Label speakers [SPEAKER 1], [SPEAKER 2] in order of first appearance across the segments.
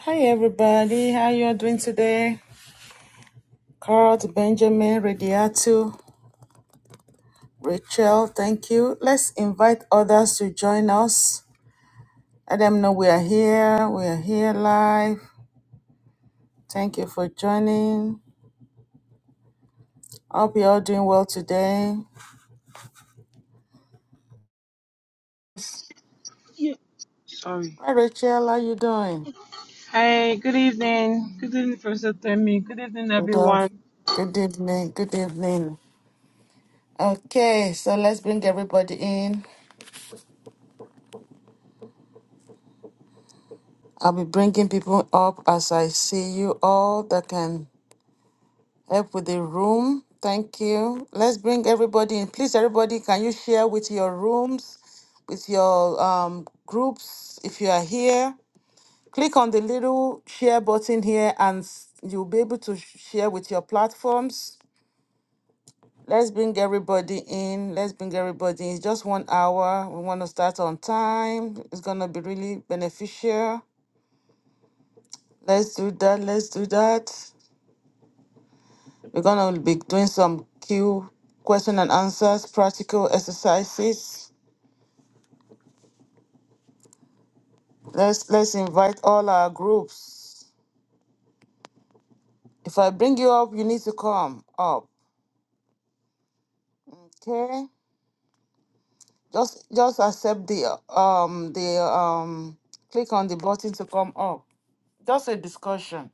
[SPEAKER 1] Hi everybody, how you all doing today? Carl, Benjamin, Radiatu, Rachel, thank you. Let's invite others to join us. Let them know we are here. We are here live. Thank you for joining. Hope you all doing well today.
[SPEAKER 2] Yeah. Sorry.
[SPEAKER 1] Hi Rachel, how you doing?
[SPEAKER 2] Hey, good evening. Good evening, Professor Temi. Good evening,
[SPEAKER 1] Good af-
[SPEAKER 2] everyone.
[SPEAKER 1] good evening. Good evening. Okay, so let's bring everybody in. I'll be bringing people up as I see you all that can help with the room. Thank you. Let's bring everybody in. Please, everybody, can you share with your rooms, with your um, groups? If you are here, click on the little share button here and s- you'll be able to sh- share with your platforms. Let's bring everybody in. Let's bring everybody in. It's just one hour. We want to start on time. It's going to be really beneficial. Let's do that. Let's do that. We're going to be doing some Q question and answers, practical exercises. Let's let's invite all our groups. If I bring you up, you need to come up. Okay? Just just accept the um the um click on the button to come up. Just a discussion.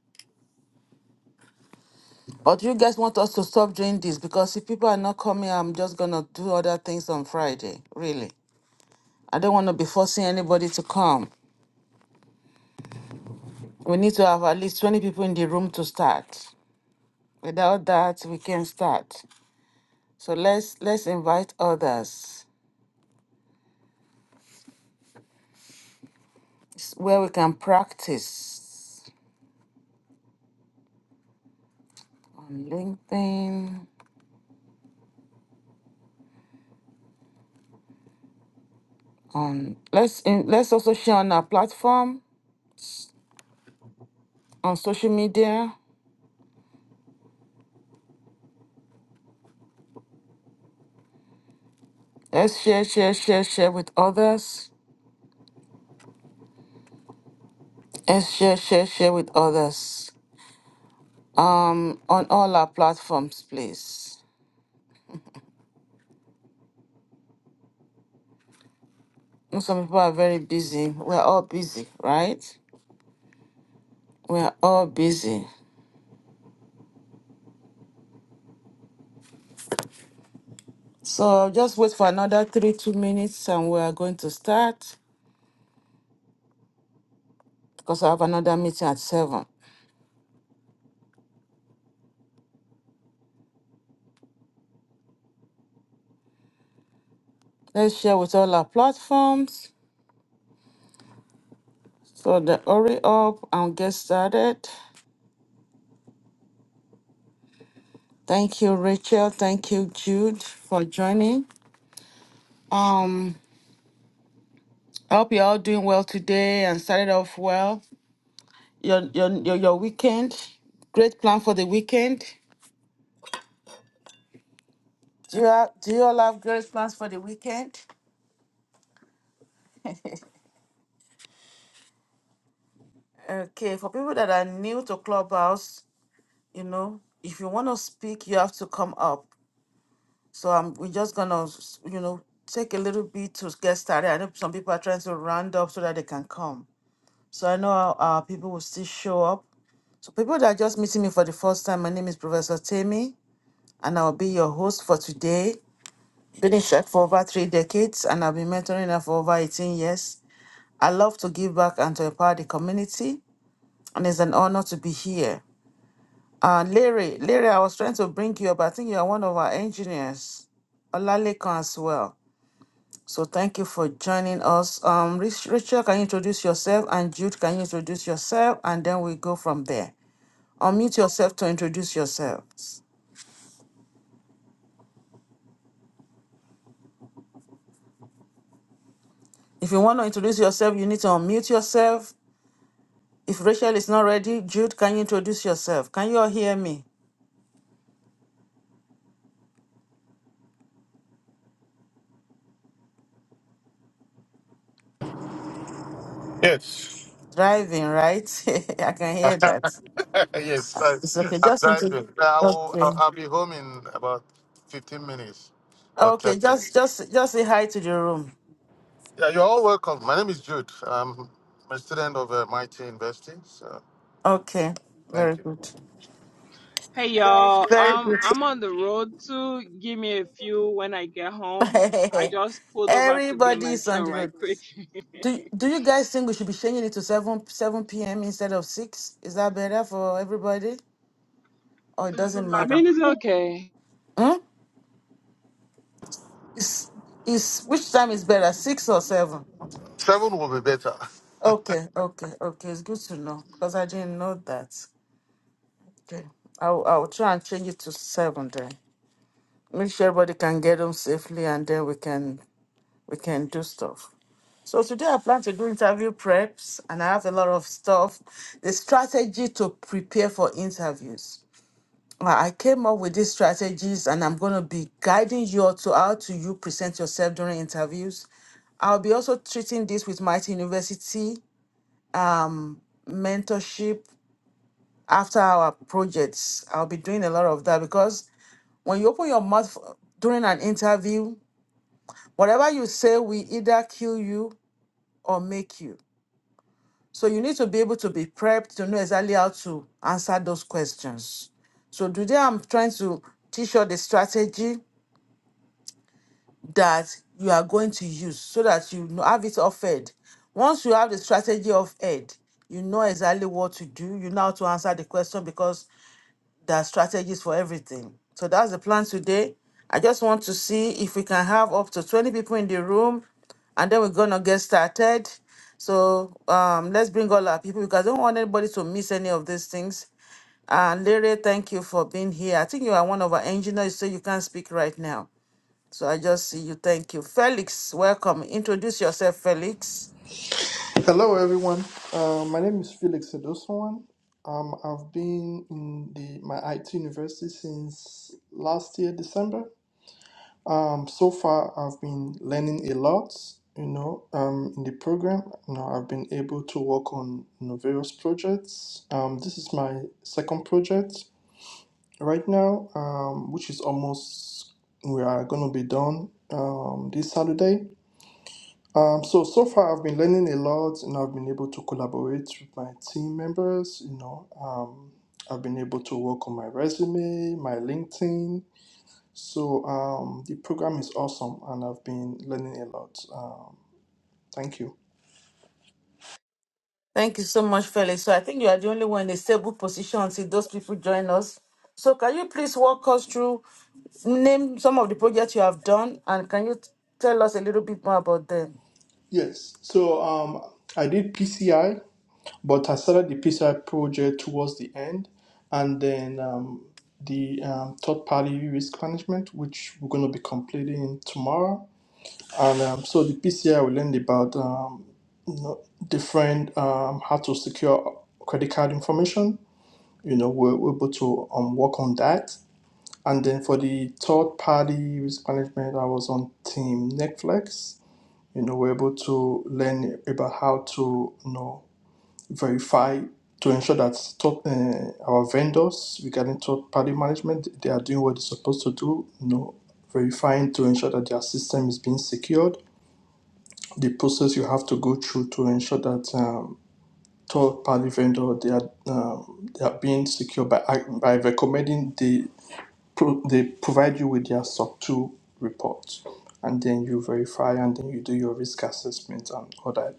[SPEAKER 1] But you guys want us to stop doing this because if people are not coming, I'm just gonna do other things on Friday. Really. I don't wanna be forcing anybody to come. We need to have at least 20 people in the room to start. Without that, we can start. So let's let's invite others It's where we can practice on LinkedIn. On let's in, let's also share on our platform on social media. Let's share, share, share, share with others. Let's share, share, share with others. Um, on all our platforms, please. Some people are very busy. We're all busy, right? We're all busy. So just wait for another three, two minutes and we are going to start because I have another meeting at seven. Let's share with all our platforms. So the hurry up and get started. Thank you, Rachel. Thank you, Jude, for joining. Um, I hope you're all doing well today and started off well. Your your your, your weekend. Great plan for the weekend. Do you have, do you all have great plans for the weekend? Okay, for people that are new to Clubhouse, you know if you want to speak you have to come up so um, we're just gonna s- you know take a little bit to get started i know some people are trying to round up so that they can come so i know our, our people will still show up so people that are just meeting me for the first time my name is professor tammy and i'll be your host for today been in church for over three decades and i've been mentoring her for over 18 years i love to give back and to empower the community and it's an honor to be here Uh, Larry, Larry, I was trying to bring you up. I think you are one of our engineers, Olalekan as well. So thank you for joining us. Um, Rich- Rachel, can you introduce yourself? And Jude, can you introduce yourself? And then we go from there. Unmute yourself to introduce yourselves. If you want to introduce yourself, you need to unmute yourself. If Rachel is not ready, Jude, can you introduce yourself? Can you all hear me?
[SPEAKER 3] Yes.
[SPEAKER 1] Driving, right? I can hear that.
[SPEAKER 3] yes, I,
[SPEAKER 1] It's okay.
[SPEAKER 3] I'm
[SPEAKER 1] Just introduce.
[SPEAKER 3] driving. I'll, I'll,
[SPEAKER 1] Okay.
[SPEAKER 3] I'll be home in about 15 minutes or 10
[SPEAKER 1] Okay, just
[SPEAKER 3] minutes.
[SPEAKER 1] just just say hi to the room.
[SPEAKER 3] Yeah, you're all welcome. My name is Jude. I'm a student of uh, MIT University. So
[SPEAKER 1] Okay,
[SPEAKER 3] thank
[SPEAKER 1] very
[SPEAKER 3] you.
[SPEAKER 1] good,
[SPEAKER 2] Hey, y'all.
[SPEAKER 1] very
[SPEAKER 2] Um,
[SPEAKER 1] good.
[SPEAKER 2] I'm on the road too. Give me a few when I get home. I just pulled over to get
[SPEAKER 1] Everybody
[SPEAKER 2] my
[SPEAKER 1] is
[SPEAKER 2] son
[SPEAKER 1] on the
[SPEAKER 2] right
[SPEAKER 1] road.
[SPEAKER 2] quick.
[SPEAKER 1] Do do you guys think we should be changing it to seven seven p.m. instead of six? Is that better for everybody, or it doesn't
[SPEAKER 2] I
[SPEAKER 1] matter?
[SPEAKER 2] mean, it's okay.
[SPEAKER 1] Hmm? Is is which time is better, six or seven?
[SPEAKER 3] Seven will be better.
[SPEAKER 1] Okay, okay, okay. It's good to know because I didn't know that. Okay, I'll I'll try and change it to seven then. Make sure everybody can get home safely, and then we can we can do stuff. So today I plan to do interview preps and I have a lot of stuff. The strategy to prepare for interviews. I I came up with these strategies and I'm going to be guiding you all to how to you present yourself during interviews. I'll be also treating this with Mighty University um, mentorship after our projects. I'll be doing a lot of that because when you open your mouth during an interview, whatever you say will either kill you or make you. So you need to be able to be prepped to know exactly how to answer those questions. So today I'm trying to teach you the strategy that you are going to use so that you know- have it offered. Once you have the strategy of you know exactly what to do. You know how to answer the question because there are strategies for everything. So that's the plan today. I just want to see if we can have up to 20 people in the room and then we're going to get started. So um, let's bring all our people because I don't want anybody to miss any of these things. And Larry, thank you for being here. I think you are one of our engineers, so you can't speak right now. So I just see you. Thank you. Felix, welcome. Introduce yourself, Felix.
[SPEAKER 4] Hello, everyone. Uh, my name is Felix Edoswan. Um, I've been in the my IT university since last year December. Um, so far, I've been learning a lot. You know, um, in the program, you know, I've been able to work on you know, various projects. Um, this is my second project right now, um, which is almost we are gonna be done um, this Saturday. Um, so so far I've been learning a lot and I've been able to collaborate with my team members, you know. Um, I've been able to work on my resume, my LinkedIn. So um, the program is awesome and I've been learning a lot. Um, thank you.
[SPEAKER 1] Thank you so much, Felix. So I think you are the only one in a stable position until those people join us. So can you please walk us through, name some of the projects you have done, and can you t- tell us a little bit more about them?
[SPEAKER 4] Yes. So um, I did PCI, but I started the PCI project towards the end and then um, the um, third party risk management, which we're going to be completing tomorrow. And um, so the PCI we learned about um, you know, different um, how to secure credit card information. You know, we're, we're able to um, work on that. And then for the third party risk management, I was on Team Netflix. You know, we're able to learn about how to you know verify to ensure that top, uh, our vendors regarding third party management they are doing what they're supposed to do. You know, verifying to ensure that their system is being secured the process you have to go through to ensure that um, third-party vendor they are um, they are being secure by ac- by recommending they pro- they provide you with their SOC two report, and then you verify and then you do your risk assessment and all that.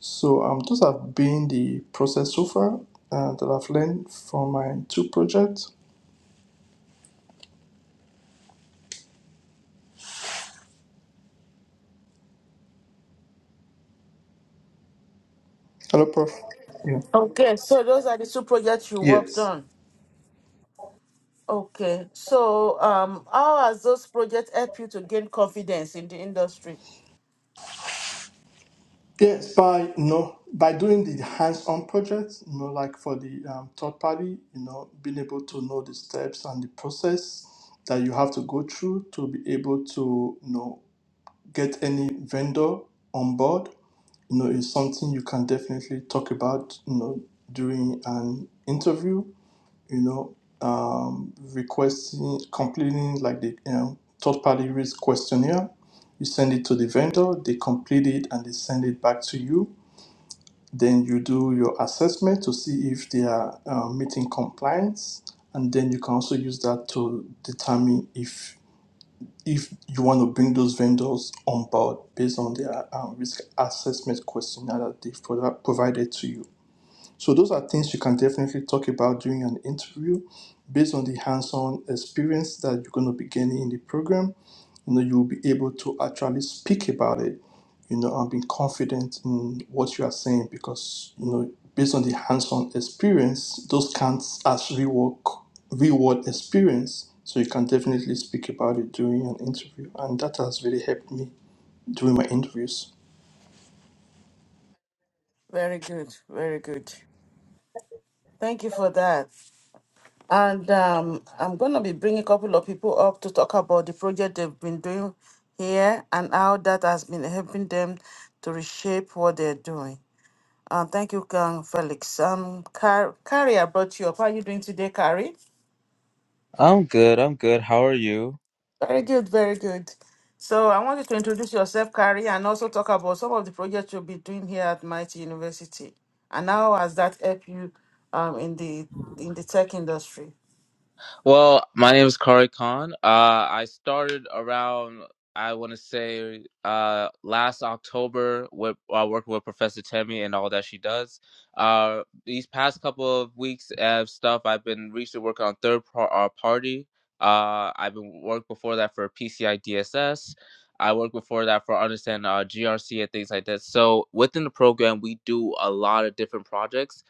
[SPEAKER 4] So um, those have been the process so far uh, that I've learned from my two projects. Hello, Prof. Yeah.
[SPEAKER 1] Okay, so those are the two projects you worked
[SPEAKER 4] Yes.
[SPEAKER 1] on. Okay, so um, how has those projects helped you to gain confidence in the industry?
[SPEAKER 4] Yes, by you know, by doing the hands-on project, you know, like for the um, third party, you know, being able to know the steps and the process that you have to go through to be able to, you know, get any vendor on board, you know, is something you can definitely talk about, you know, during an interview, you know, um, requesting, completing like the you know, third-party risk questionnaire. You send it to the vendor, they complete it, and they send it back to you then you do your assessment to see if they are uh, meeting compliance, and then you can also use that to determine if if you want to bring those vendors on board based on their um, risk assessment questionnaire that they've provi- provided to you. So those are things you can definitely talk about during an interview based on the hands-on experience that you're going to be gaining in the program you know you'll be able to actually speak about it you know and be confident in what you are saying because you know based on the hands-on experience those counts as real work real world experience so you can definitely speak about it during an interview and that has really helped me during my interviews
[SPEAKER 1] Very good, very good. Thank you for that. And um, I'm going to be bringing a couple of people up to talk about the project they've been doing here and how that has been helping them to reshape what they're doing. Uh, thank you, Kang Felix. Um, Car- Carrie, I brought you up. How are you doing today, Carrie?
[SPEAKER 5] I'm good. I'm good. How are you?
[SPEAKER 1] Very good, very good. So I want you to introduce yourself, Carrie, and also talk about some of the projects you'll be doing here at Mighty University. And how has that helped you um, in the in the tech industry?
[SPEAKER 5] Well, my name is Kari Khan. Uh, I started around, I want to say, uh, last October with uh, working with Professor Temi and all that she does. Uh, these past couple of weeks of stuff, I've been recently working on third par- uh, party. Uh, I've been worked before that for PCI I D S S. I worked before that for understand uh, GRC and things like that. So within the program, we do a lot of different projects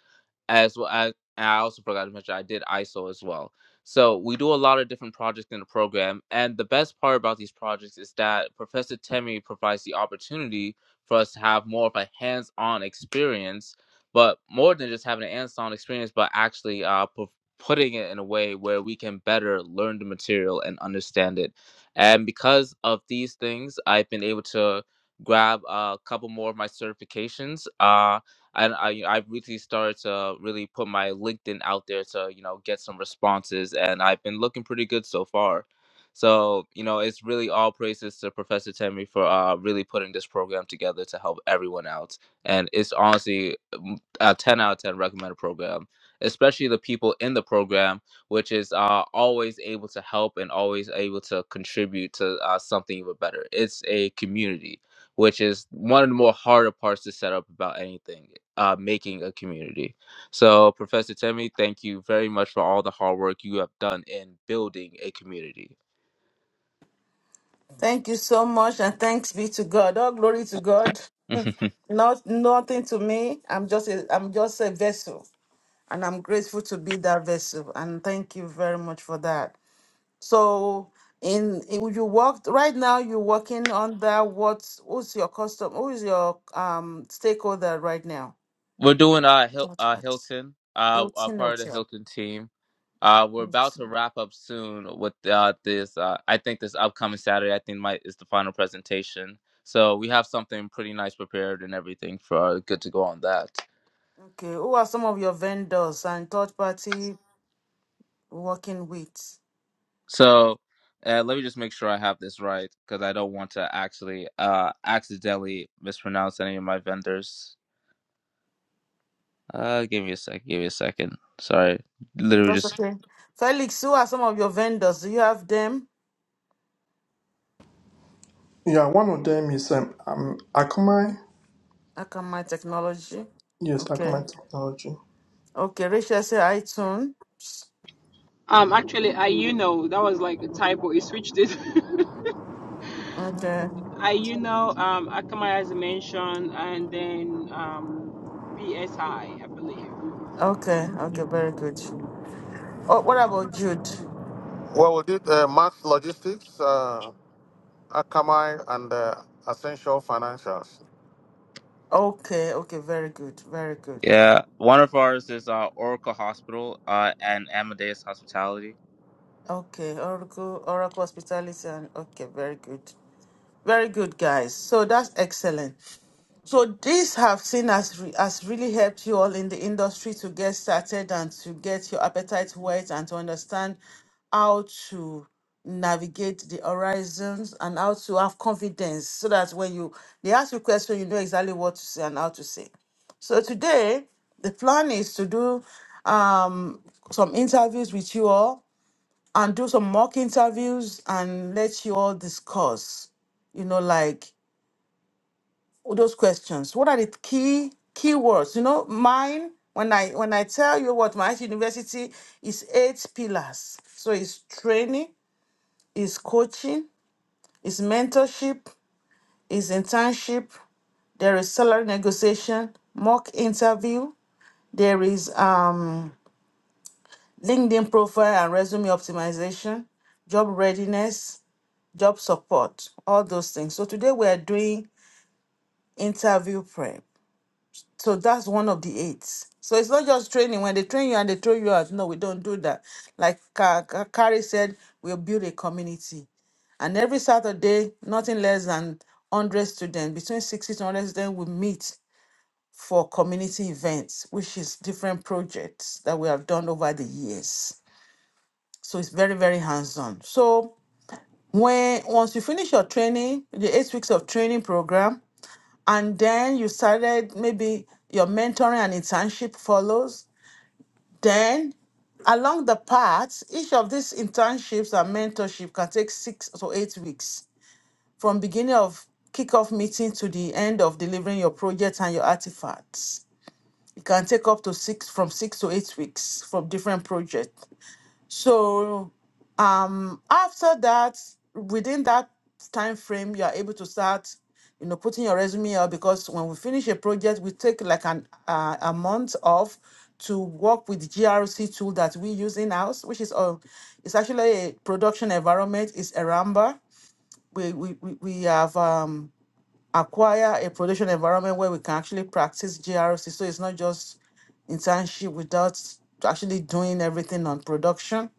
[SPEAKER 5] as well as and I also forgot to mention I did ISO as well. So we do a lot of different projects in the program, and the best part about these projects is that Professor Temi provides the opportunity for us to have more of a hands-on experience, but more than just having a hands-on experience, but actually uh, pu- putting it in a way where we can better learn the material and understand it. And because of these things, I've been able to grab a couple more of my certifications. Uh and I I really started to really put my LinkedIn out there to you know get some responses, and I've been looking pretty good so far. So you know, it's really all praises to Professor Temi for uh, really putting this program together to help everyone out, and it's honestly mm, a ten out of ten recommended program, especially the people in the program, which is uh, always able to help and always able to contribute to uh, something even better. It's a community which is one of the more harder parts to set up about anything uh, making a community. So, Professor Temi, thank you very much for all the hard work you have done in building a community.
[SPEAKER 1] Thank you so much, and thanks be to God. All glory to God. Not nothing to me. I'm just a, I'm just a vessel, and I'm grateful to be that vessel. And thank you very much for that. So, in, in you worked right now. You're working on that. What's who's your custom? Who is your um stakeholder right now?
[SPEAKER 5] we're doing uh, Hil-
[SPEAKER 1] Third
[SPEAKER 5] uh
[SPEAKER 1] party.
[SPEAKER 5] Hilton, uh, uh,
[SPEAKER 1] Hilton
[SPEAKER 5] part of the
[SPEAKER 1] Hotel.
[SPEAKER 5] Hilton team. Uh, we're about to
[SPEAKER 1] Hilton.
[SPEAKER 5] wrap up soon with uh, this. Uh, I think this upcoming Saturday, I think might is the final presentation. So we have something pretty nice prepared and everything for uh, good to go on that.
[SPEAKER 1] Okay. Who are some of your vendors and third party working with?
[SPEAKER 5] So uh, let me just make sure I have this right because I don't want to actually uh accidentally mispronounce any of my vendors. Uh, give me a sec. Give me a second. Sorry,
[SPEAKER 1] Mm,
[SPEAKER 5] literally
[SPEAKER 1] That's
[SPEAKER 5] just
[SPEAKER 1] okay. Felix, who are some of your vendors? Do you have them?
[SPEAKER 4] yeah one of them is um, um akamai
[SPEAKER 1] I can my technology.
[SPEAKER 4] yes
[SPEAKER 1] Okay.
[SPEAKER 4] akamai technology
[SPEAKER 1] Okay. Rachel say iTunes.
[SPEAKER 2] Um, actually, I you know that was like a typo. He switched it.
[SPEAKER 1] Okay.
[SPEAKER 2] I you know um Akamai as mentioned, and then um BSI, I I believe.
[SPEAKER 1] Okay. Okay. Very good. Oh, what about Jude?
[SPEAKER 3] Well, we did uh, math logistics, uh, Akamai, and uh, essential financials.
[SPEAKER 1] Okay. Okay. Very good. Very good.
[SPEAKER 5] yeah. One of ours is uh Oracle Hospital uh and Amadeus Hospitality.
[SPEAKER 1] Okay. Oracle, Oracle Hospitality. And, okay. Very good. Very good, guys. So that's excellent. So these have seen has re- has really helped you all in the industry to get started and to get your appetite wet and to understand how to navigate the horizons and how to have confidence so that when you they ask you question, you know exactly what to say and how to say. So today the plan is to do um, some interviews with you all and do some mock interviews and let you all discuss you know, like those questions what are the key keywords you know mine when i when i tell you what my university is eight pillars so it's training it's coaching it's mentorship it's internship there is salary negotiation mock interview there is um linkedin profile and resume optimization job readiness job support all those things so today we are doing interview prep So that's one of the eight. So it's not just training. When they train you and they throw you out, no, we don't do that. Like Ka- Ka- Carrie said, we'll build a community. And every Saturday, nothing less than 100 students, between 60 to 100 students, we meet for community events, which is different projects that we have done over the years. So it's very, very hands-on. So when once you finish your training, the eight weeks of training program, and then you started maybe your mentoring and internship follows. Then, along the path, each of these internships and mentorship can take six to eight weeks from beginning of kickoff meeting to the end of delivering your project and your artifacts. It can take up to six from six to eight weeks from different projects. So um after that within that time frame you are able to start you know putting your resume out because when we finish a project we take like an uh, a month off to work with grc tool that we use in house which is uh, it's actually a production environment it's Aramba. we we we we have um acquire a production environment where we can actually practice grc so it's not just internship without actually doing everything on production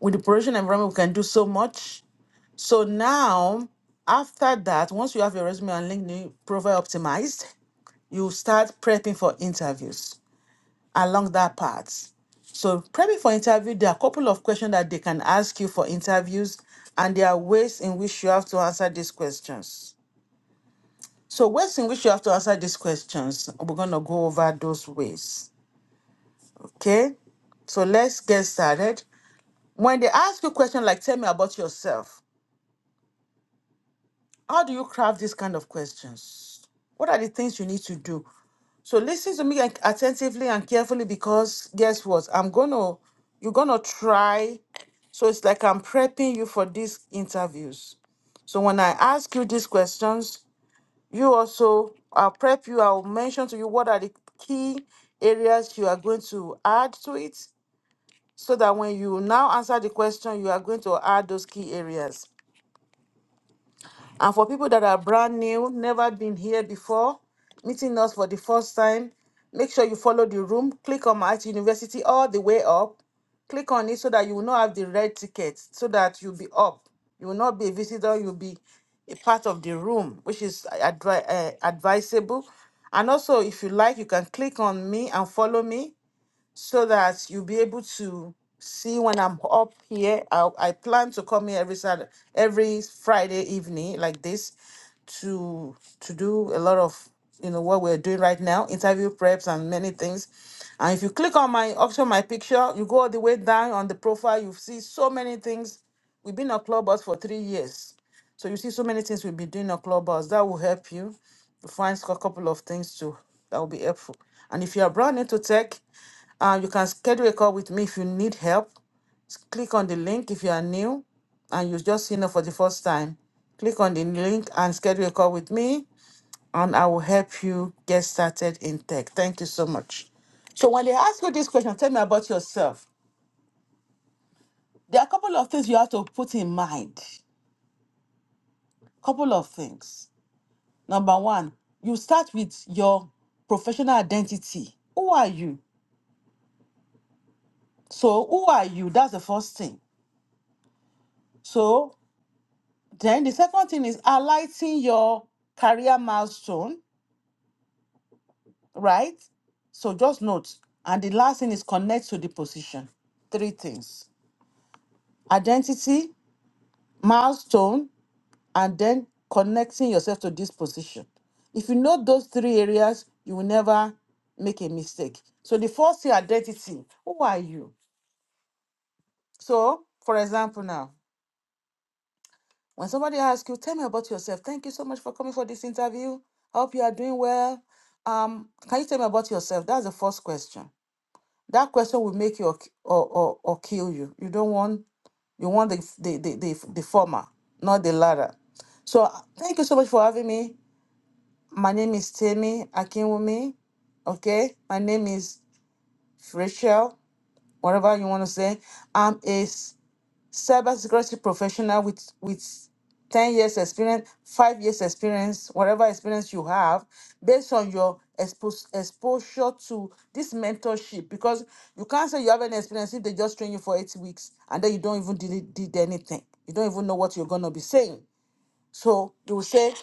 [SPEAKER 1] with the production environment, we can do so much. So now, after that, once you have your resume and LinkedIn profile optimized, you start prepping for interviews along that path. So prepping for interview, there are a couple of questions that they can ask you for interviews, and there are ways in which you have to answer these questions. So ways in which you have to answer these questions, we're gonna go over those ways. Okay. So let's get started. When they ask you questions like tell me about yourself, How do you craft these kind of questions? What are the things you need to do? So listen to me and- attentively and carefully because guess what? I'm gonna you're gonna try. So it's like I'm prepping you for these interviews. So when I ask you these questions, you also I'll prep you, I'll mention to you what are the key areas you are going to add to it so that when you now answer the question, you are going to add those key areas. And for people that are brand new, never been here before, meeting us for the first time, make sure you follow the room. Click on my University all the way up. Click on it so that you will not have the red ticket, so that you'll be up. You will not be a visitor, you'll be a part of the room, which is advi- uh, advisable. And also, if you like, you can click on me and follow me so that you'll be able to see when I'm up here. I, I plan to come here every Saturday, every Friday evening like this to to do a lot of you know what we're doing right now, interview preps and many things. And if you click on my option, my picture, you go all the way down on the profile, you see so many things. We've been a clubhouse for three years. So you see so many things we'll be doing on Clubhouse. That will help you to find a couple of things too. That will be helpful. And if you are brand new to tech, uh, you can schedule a call with me if you need help. S- Click on the link if you are new and you've just seen it for the first time. Click on the link and schedule a call with me, and I will help you get started in tech. Thank you so much. So, when they ask you this question, tell me about yourself. There are a couple of things you have to put in mind. Couple of things. Number one, you start with your professional identity. Who are you? So, who are you? That's the first thing. So, Then the second thing is highlighting your career milestone, right? So just note. And the last thing is connect to the position. Three things identity, milestone, and then connecting yourself to this position. If you know those three areas, you will never make a mistake. So the first thing, identity. Who are you? So, for example, now. When somebody asks you, tell me about yourself. Thank you so much for coming for this interview. I Hope you are doing well. Um, can you tell me about yourself? That's the first question. That question will make you or, or, or, or kill you. You don't want you want the, the the the the former, not the latter. So uh, thank you so much for having me. My name is Temi Akinwumi. Okay, my name is Rachel. Whatever you want to say, I'm a s- cybersecurity professional with with 10 years experience, 5 years experience, whatever experience you have, based on your expos- exposure to this mentorship because you can't say you have any experience if they just train you for 8 weeks and then you don't even did, did anything. You don't even know what you're going to be saying. So, you will say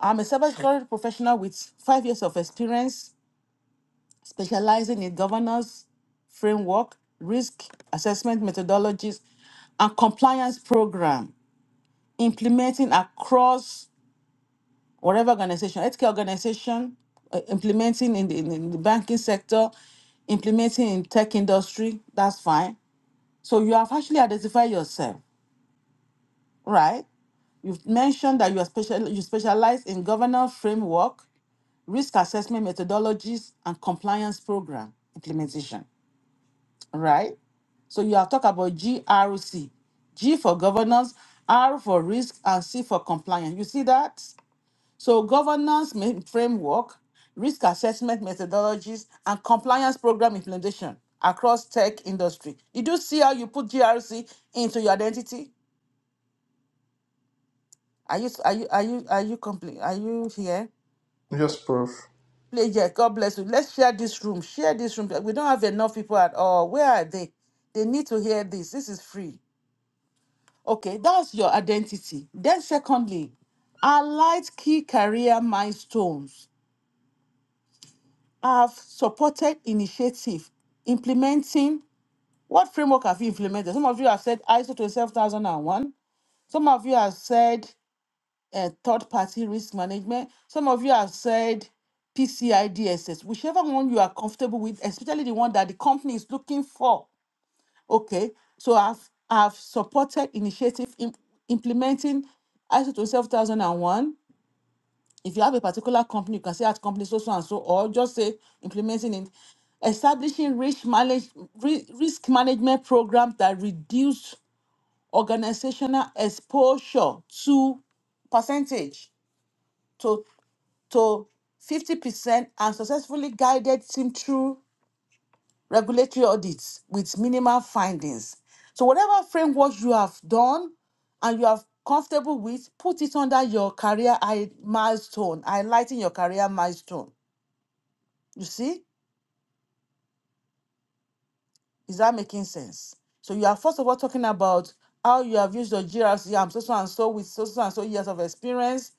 [SPEAKER 1] I'm a cybersecurity professional with 5 years of experience specializing in governance, framework, risk assessment methodologies, and compliance program. implementing across whatever organization, healthcare organization, uh, implementing in the, in, in the banking sector, implementing in tech industry, that's fine. So you have actually identified yourself, right? You've mentioned that you are special, you specialize in governance framework, risk assessment methodologies, and compliance program implementation, right? So you have talked about GRC, G for governance, R for risk, and C for compliance. You see that? So governance ma- framework, risk assessment methodologies, and compliance program implementation across tech industry. You do see how you put GRC into your identity. Are you are you are you are you complete? Are you here?
[SPEAKER 4] yes prof
[SPEAKER 1] Play here. God bless you. Let's share this room. Share this room. We don't have enough people at all. Where are they? They need to hear this. This is free. Okay, that's your identity. Then secondly, highlight key career milestones have supported initiative implementing what framework have you implemented? Some of you have said ISO 27001. Some of you have said uh, third party risk management. Some of you have said PCI DSS, whichever one you are comfortable with, especially the one that the company is looking for. Okay, so I've, I've supported initiative in implementing ISO 27001 if you have a particular company, you can say at company so so and so, or just say implementing it. Establishing risk manage ri- risk management program that reduce organizational exposure to percentage to to 50% and successfully guided team through regulatory audits with minimal findings. So, whatever framework you have done and you are comfortable with, put it under your career I- milestone, highlighting your career milestone. You see, is that making sense? So, you are first of all talking about how you have used your GRC, I'm so so and so with so so and so years of experience,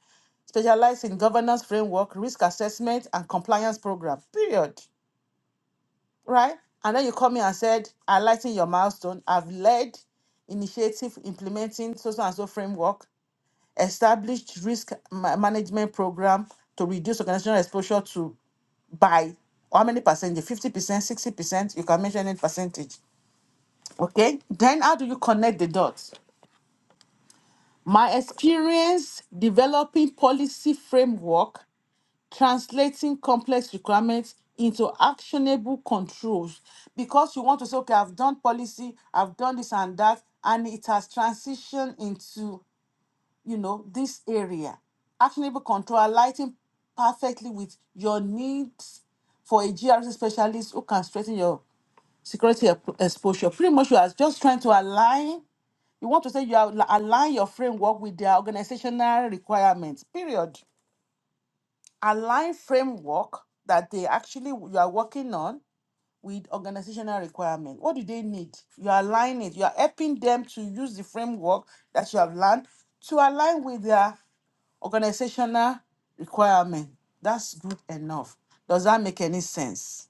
[SPEAKER 1] specialized in governance framework, risk assessment, and compliance program. Period. right? And then you come here and said, "Highlighting your milestone. I've led initiative implementing so so and so framework, established risk ma- management program to reduce organizational exposure to by how many percentage? 50%, 60%, you can mention any percentage. Okay. Then how do you connect the dots? My experience developing policy framework translating complex requirements into actionable controls because you want to say, okay, I've done policy, I've done this and that, and it has transitioned into, you know, this area. Actionable control aligning perfectly with your needs for a GRC specialist who can strengthen your security ep- exposure. Pretty much, you are just trying to align. You want to say you are align your framework with their organizational requirements. Period align framework that they actually you are working on with organizational requirement. What do they need? You align it. You are helping them to use the framework that you have learned to align with their organizational requirement. That's good enough. Does that make any sense?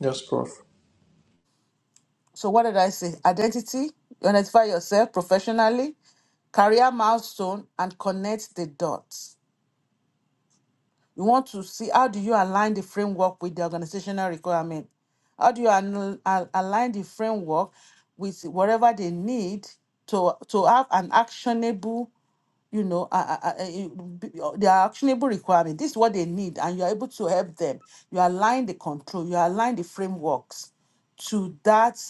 [SPEAKER 4] yes prof
[SPEAKER 1] So what did I say? Identity, you identify yourself professionally, career milestone, and connect the dots. We want to see how do you align the framework with the organizational requirement? How do you an- al- align the framework with whatever they need to to have an actionable, you know, uh, uh, uh, their actionable requirement? This is what they need, and you are able to help them. You align the control, you align the frameworks to that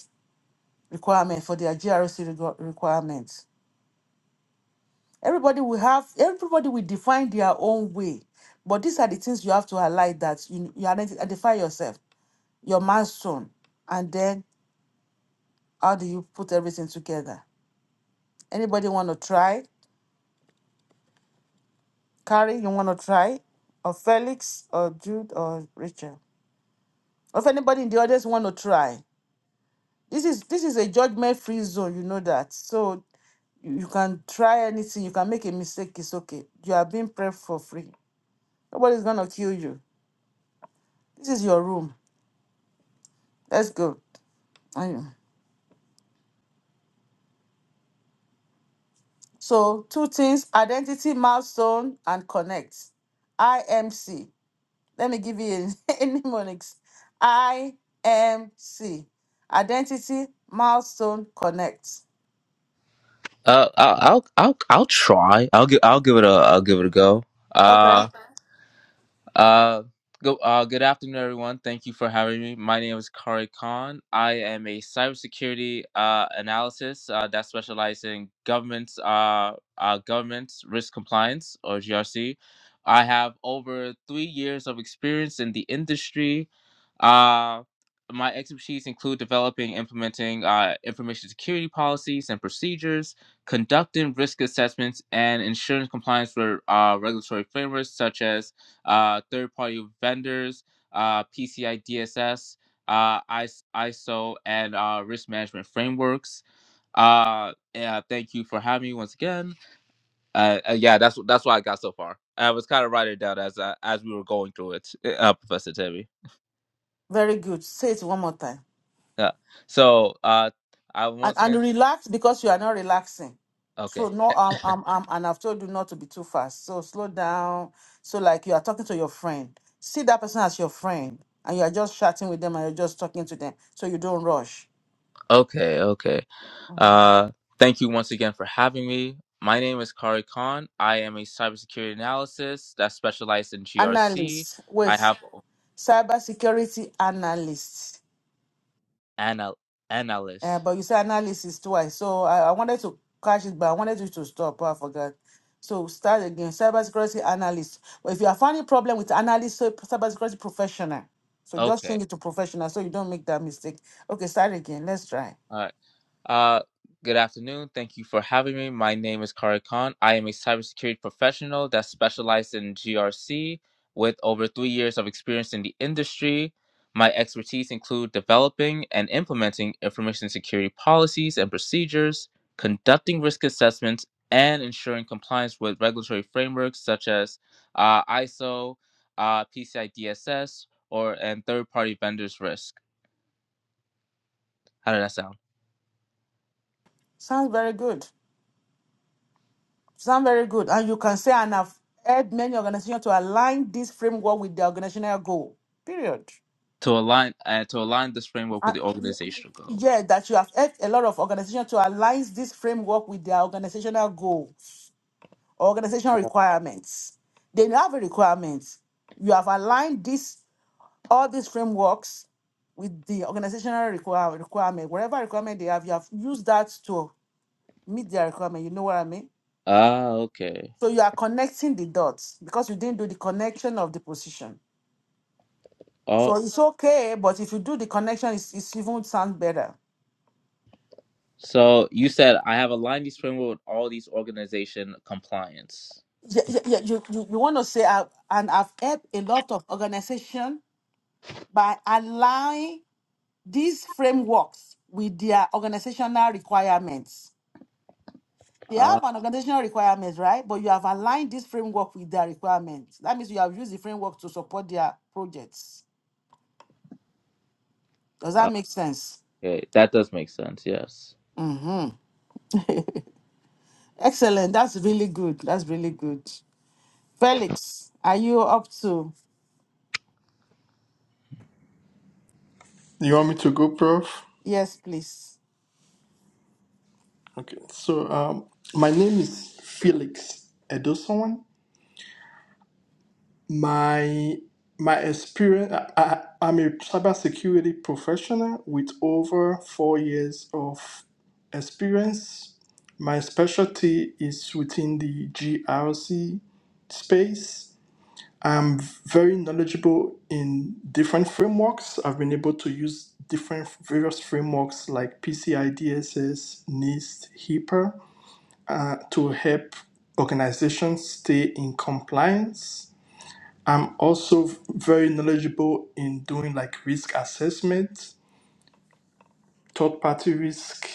[SPEAKER 1] requirement for their GRC requirements Everybody will have, everybody will define their own way. But these are the things you have to highlight that you, you identi- identify yourself, your milestone, and then how do you put everything together? Anybody want to try? Carrie, you want to try? Or Felix, or Jude, or Rachel? Or if anybody in the audience want to try? This is this is a judgment-free zone, you know that. So you you can try anything. You can make a mistake. It's okay. You are being prepped for free. Nobody's gonna kill you. This is your room. Let's go. Anyway, So two things: identity milestone and connect. IMC. Let me give you a mnemonics. IMC. Identity milestone connect.
[SPEAKER 5] Uh, I'll I'll I'll, I'll try. I'll give I'll give it a I'll give it a go.
[SPEAKER 1] Okay.
[SPEAKER 5] Uh, Uh, go, uh, good afternoon, everyone. Thank you for having me. My name is Kari Khan. I am a cybersecurity uh, analysis uh, that specializes in governments, uh, uh, governments risk compliance or GRC. I have over three years of experience in the industry. Uh, my expertise include developing, implementing uh, information security policies and procedures, conducting risk assessments, and ensuring compliance with uh, regulatory frameworks such as uh, third party vendors, uh, PCI DSS, uh, ISO, and uh, risk management frameworks. Uh, yeah, thank you for having me once again. Uh, uh, yeah, that's that's what I got so far. I was kind of writing it down as uh, as we were going through it, uh, Professor Timmy.
[SPEAKER 1] Very good. Say it one more time.
[SPEAKER 5] Yeah. So uh, I
[SPEAKER 1] And,
[SPEAKER 5] once
[SPEAKER 1] and
[SPEAKER 5] again.
[SPEAKER 1] relax because you are not relaxing.
[SPEAKER 5] Okay.
[SPEAKER 1] So no, um, um, um, and I've told you not to be too fast. So slow down. So like you are talking to your friend. See that person as your friend, and you are just chatting with them, and you're just talking to them. So you don't rush.
[SPEAKER 5] Okay, okay. Uh, thank you once again for having me. My name is Kari Khan. I am a cybersecurity analyst that specializes in GRC.
[SPEAKER 1] analyst.
[SPEAKER 5] I
[SPEAKER 1] Wait,
[SPEAKER 5] have
[SPEAKER 1] cybersecurity analyst.
[SPEAKER 5] anal-
[SPEAKER 1] Uh,
[SPEAKER 5] analyst.
[SPEAKER 1] but you say analysis twice, so I, I wanted to catch it, but I wanted you to stop. I forgot. So start again. Cybersecurity analyst. But if you are finding problem with analyst, so cybersecurity professional. So just
[SPEAKER 5] Okay.
[SPEAKER 1] change it to professional, so you don't make that mistake. Okay, start again. Let's try.
[SPEAKER 5] all right. Uh, good afternoon. Thank you for having me. My name is Kari Khan. I am a cybersecurity professional that specializes in GRC with over three years of experience in the industry. My expertise include developing and implementing information security policies and procedures, conducting risk assessments, and ensuring compliance with regulatory frameworks such as uh, ISO, uh, PCI DSS, or and third-party vendors risk. How did that sound?
[SPEAKER 1] Sounds very good. Sounds very good, and you can say and I've helped many organizations to align this framework with their organizational goal. Period.
[SPEAKER 5] to align uh, to align this framework with
[SPEAKER 1] And
[SPEAKER 5] the organizational goal.
[SPEAKER 1] yeah, that you have helped a lot of organizations to align this framework with their organizational goal, organizational requirements. They have a requirement. You have aligned this all these frameworks with the organizational require, requirement, whatever requirement they have, you have used that to meet their requirement. You know what I mean?
[SPEAKER 5] Ah, okay.
[SPEAKER 1] So you are connecting the dots because you didn't do the connection of the position. So
[SPEAKER 5] Oh,
[SPEAKER 1] it's okay, but if you do the connection, it's, it's even sounds better.
[SPEAKER 5] so you said I have aligned these framework with all these organization compliance.
[SPEAKER 1] yeah, yeah, yeah, you, you, you want to say, I, and I've helped a lot of organizations by aligning these frameworks with their organizational requirements. They
[SPEAKER 5] Ah,
[SPEAKER 1] have an organizational requirements, right? But you have aligned this framework with their requirements. That means you have used the framework to support their projects. Does that make sense?
[SPEAKER 5] okay, that does make sense. Yes.
[SPEAKER 1] Excellent. That's really good. That's really good. Felix, are you up to?
[SPEAKER 4] you want me to go prof
[SPEAKER 1] Yes, please.
[SPEAKER 4] Okay, so um, my name is Felix Edoson. My my experience, I, I, I'm a cybersecurity professional with over four years of experience. My specialty is within the GRC space. I'm very knowledgeable in different frameworks. I've been able to use different various frameworks like PCI DSS, NIST, HIPAA uh, to help organizations stay in compliance. I'm also very knowledgeable in doing like risk assessment, third party risk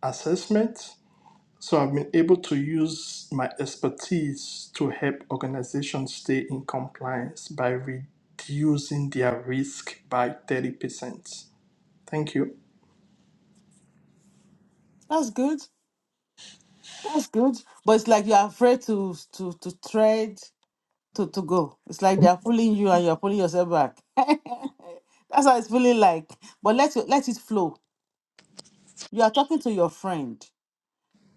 [SPEAKER 4] assessment. So I've been able to use my expertise to help organizations stay in compliance by reducing their risk by 30%. Thank you.
[SPEAKER 1] That's good. That's good. But it's like you're afraid to to to trade. to, to go. It's like they are pulling you and you're pulling yourself back. That's how it's feeling like. But let it, let it flow. You are talking to your friend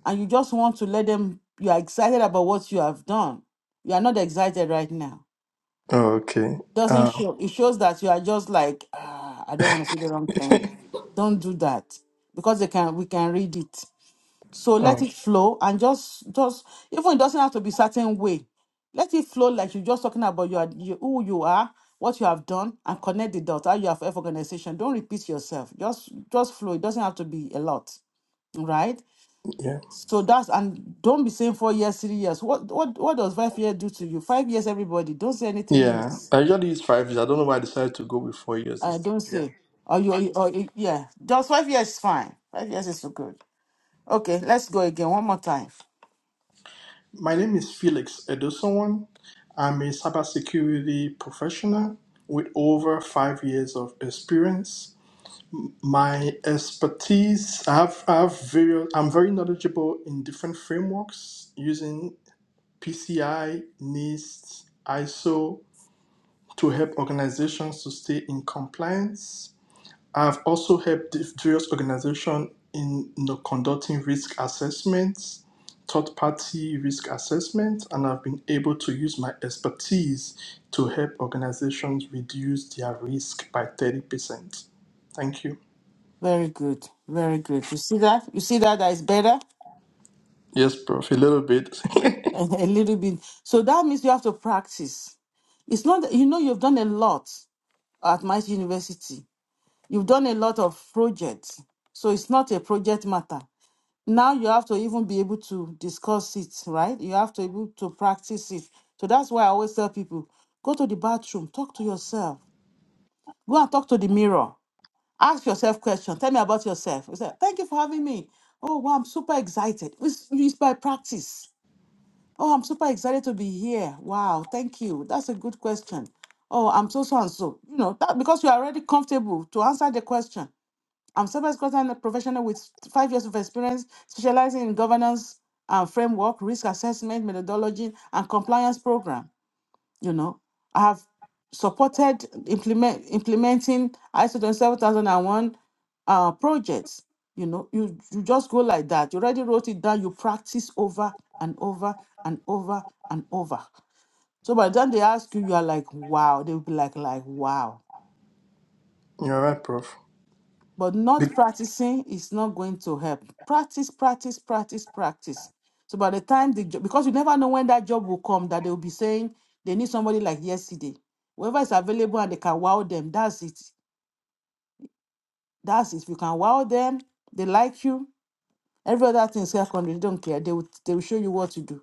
[SPEAKER 1] and you just want to let them, you are excited about what you have done. You are not excited right now.
[SPEAKER 4] Okay.
[SPEAKER 1] Doesn't
[SPEAKER 4] Uh,
[SPEAKER 1] show. It shows that you are just like, ah, I don't want to say the wrong thing. Don't do that because they can. We can read it. So let
[SPEAKER 4] oh,
[SPEAKER 1] it flow and just just even it doesn't have to be certain way. Let it flow like you're just talking about your you, who you are, what you have done, and connect the dots. How you have F organization. Don't repeat yourself. Just just flow. It doesn't have to be a lot, right?
[SPEAKER 4] yeah.
[SPEAKER 1] So that's and don't be saying four years, three years. What what what does five years do to you? Five years, everybody. Don't say any three
[SPEAKER 4] Yeah,
[SPEAKER 1] years.
[SPEAKER 4] I usually use five years. I don't know why I decided to go with four years
[SPEAKER 1] Uh,
[SPEAKER 4] this time.
[SPEAKER 1] don't
[SPEAKER 4] Yeah.
[SPEAKER 1] say. Or you or you- yeah. Just five years is fine. Five years is so good. Okay, let's go again one more time.
[SPEAKER 4] My name is Felix Edosonwan. I'm a cybersecurity professional with over five years of experience. My expertise, I have, I have various, I'm very knowledgeable in different frameworks using PCI, NIST, ISO to help organizations to stay in compliance I've also helped diff- various organizations in you know, conducting risk assessments, third party risk assessments, and I've been able to use my expertise to help organizations reduce their risk by 30%. Thank you.
[SPEAKER 1] Very good. Very good. You see that? You see that that is better?
[SPEAKER 4] Yes, Prof, a little bit.
[SPEAKER 1] a little bit. So that means you have to practice. It's not, that- you know, you've done a lot at my university. You've done a lot of projects. So it's not a project matter. Now you have to even be able to discuss it, right? You have to be able to practice it. So that's why I always tell people go to the bathroom, talk to yourself, go and talk to the mirror. Ask yourself questions. Tell me about yourself. You say, thank you for having me. Oh, wow, I'm super excited. It's, it's by practice. Oh, I'm super excited to be here. Wow, thank you. That's a good question. Oh, I'm so so and so. You know, that because you're already comfortable to answer the question. I'm service consultant professional with five years of experience, specializing in governance and framework, risk assessment, methodology, and compliance program you know i have supported implement implementing iso 27001 uh projects you know you you just go like that you already wrote it down you practice over and over and over and over so by the time they ask you you are like wow they will be like like wow
[SPEAKER 4] You're right, Prof.
[SPEAKER 1] But
[SPEAKER 4] Be-
[SPEAKER 1] not practicing is not going to help. Practice, practice, practice, practice. So by the time the job, because you never know when that job will come, that they will be saying they need somebody like yesterday. Whoever is available and they can wow them, that's it. That's it. If you can wow them, they like you. Every other thing is secondary. They don't care. They will they will show you what to do.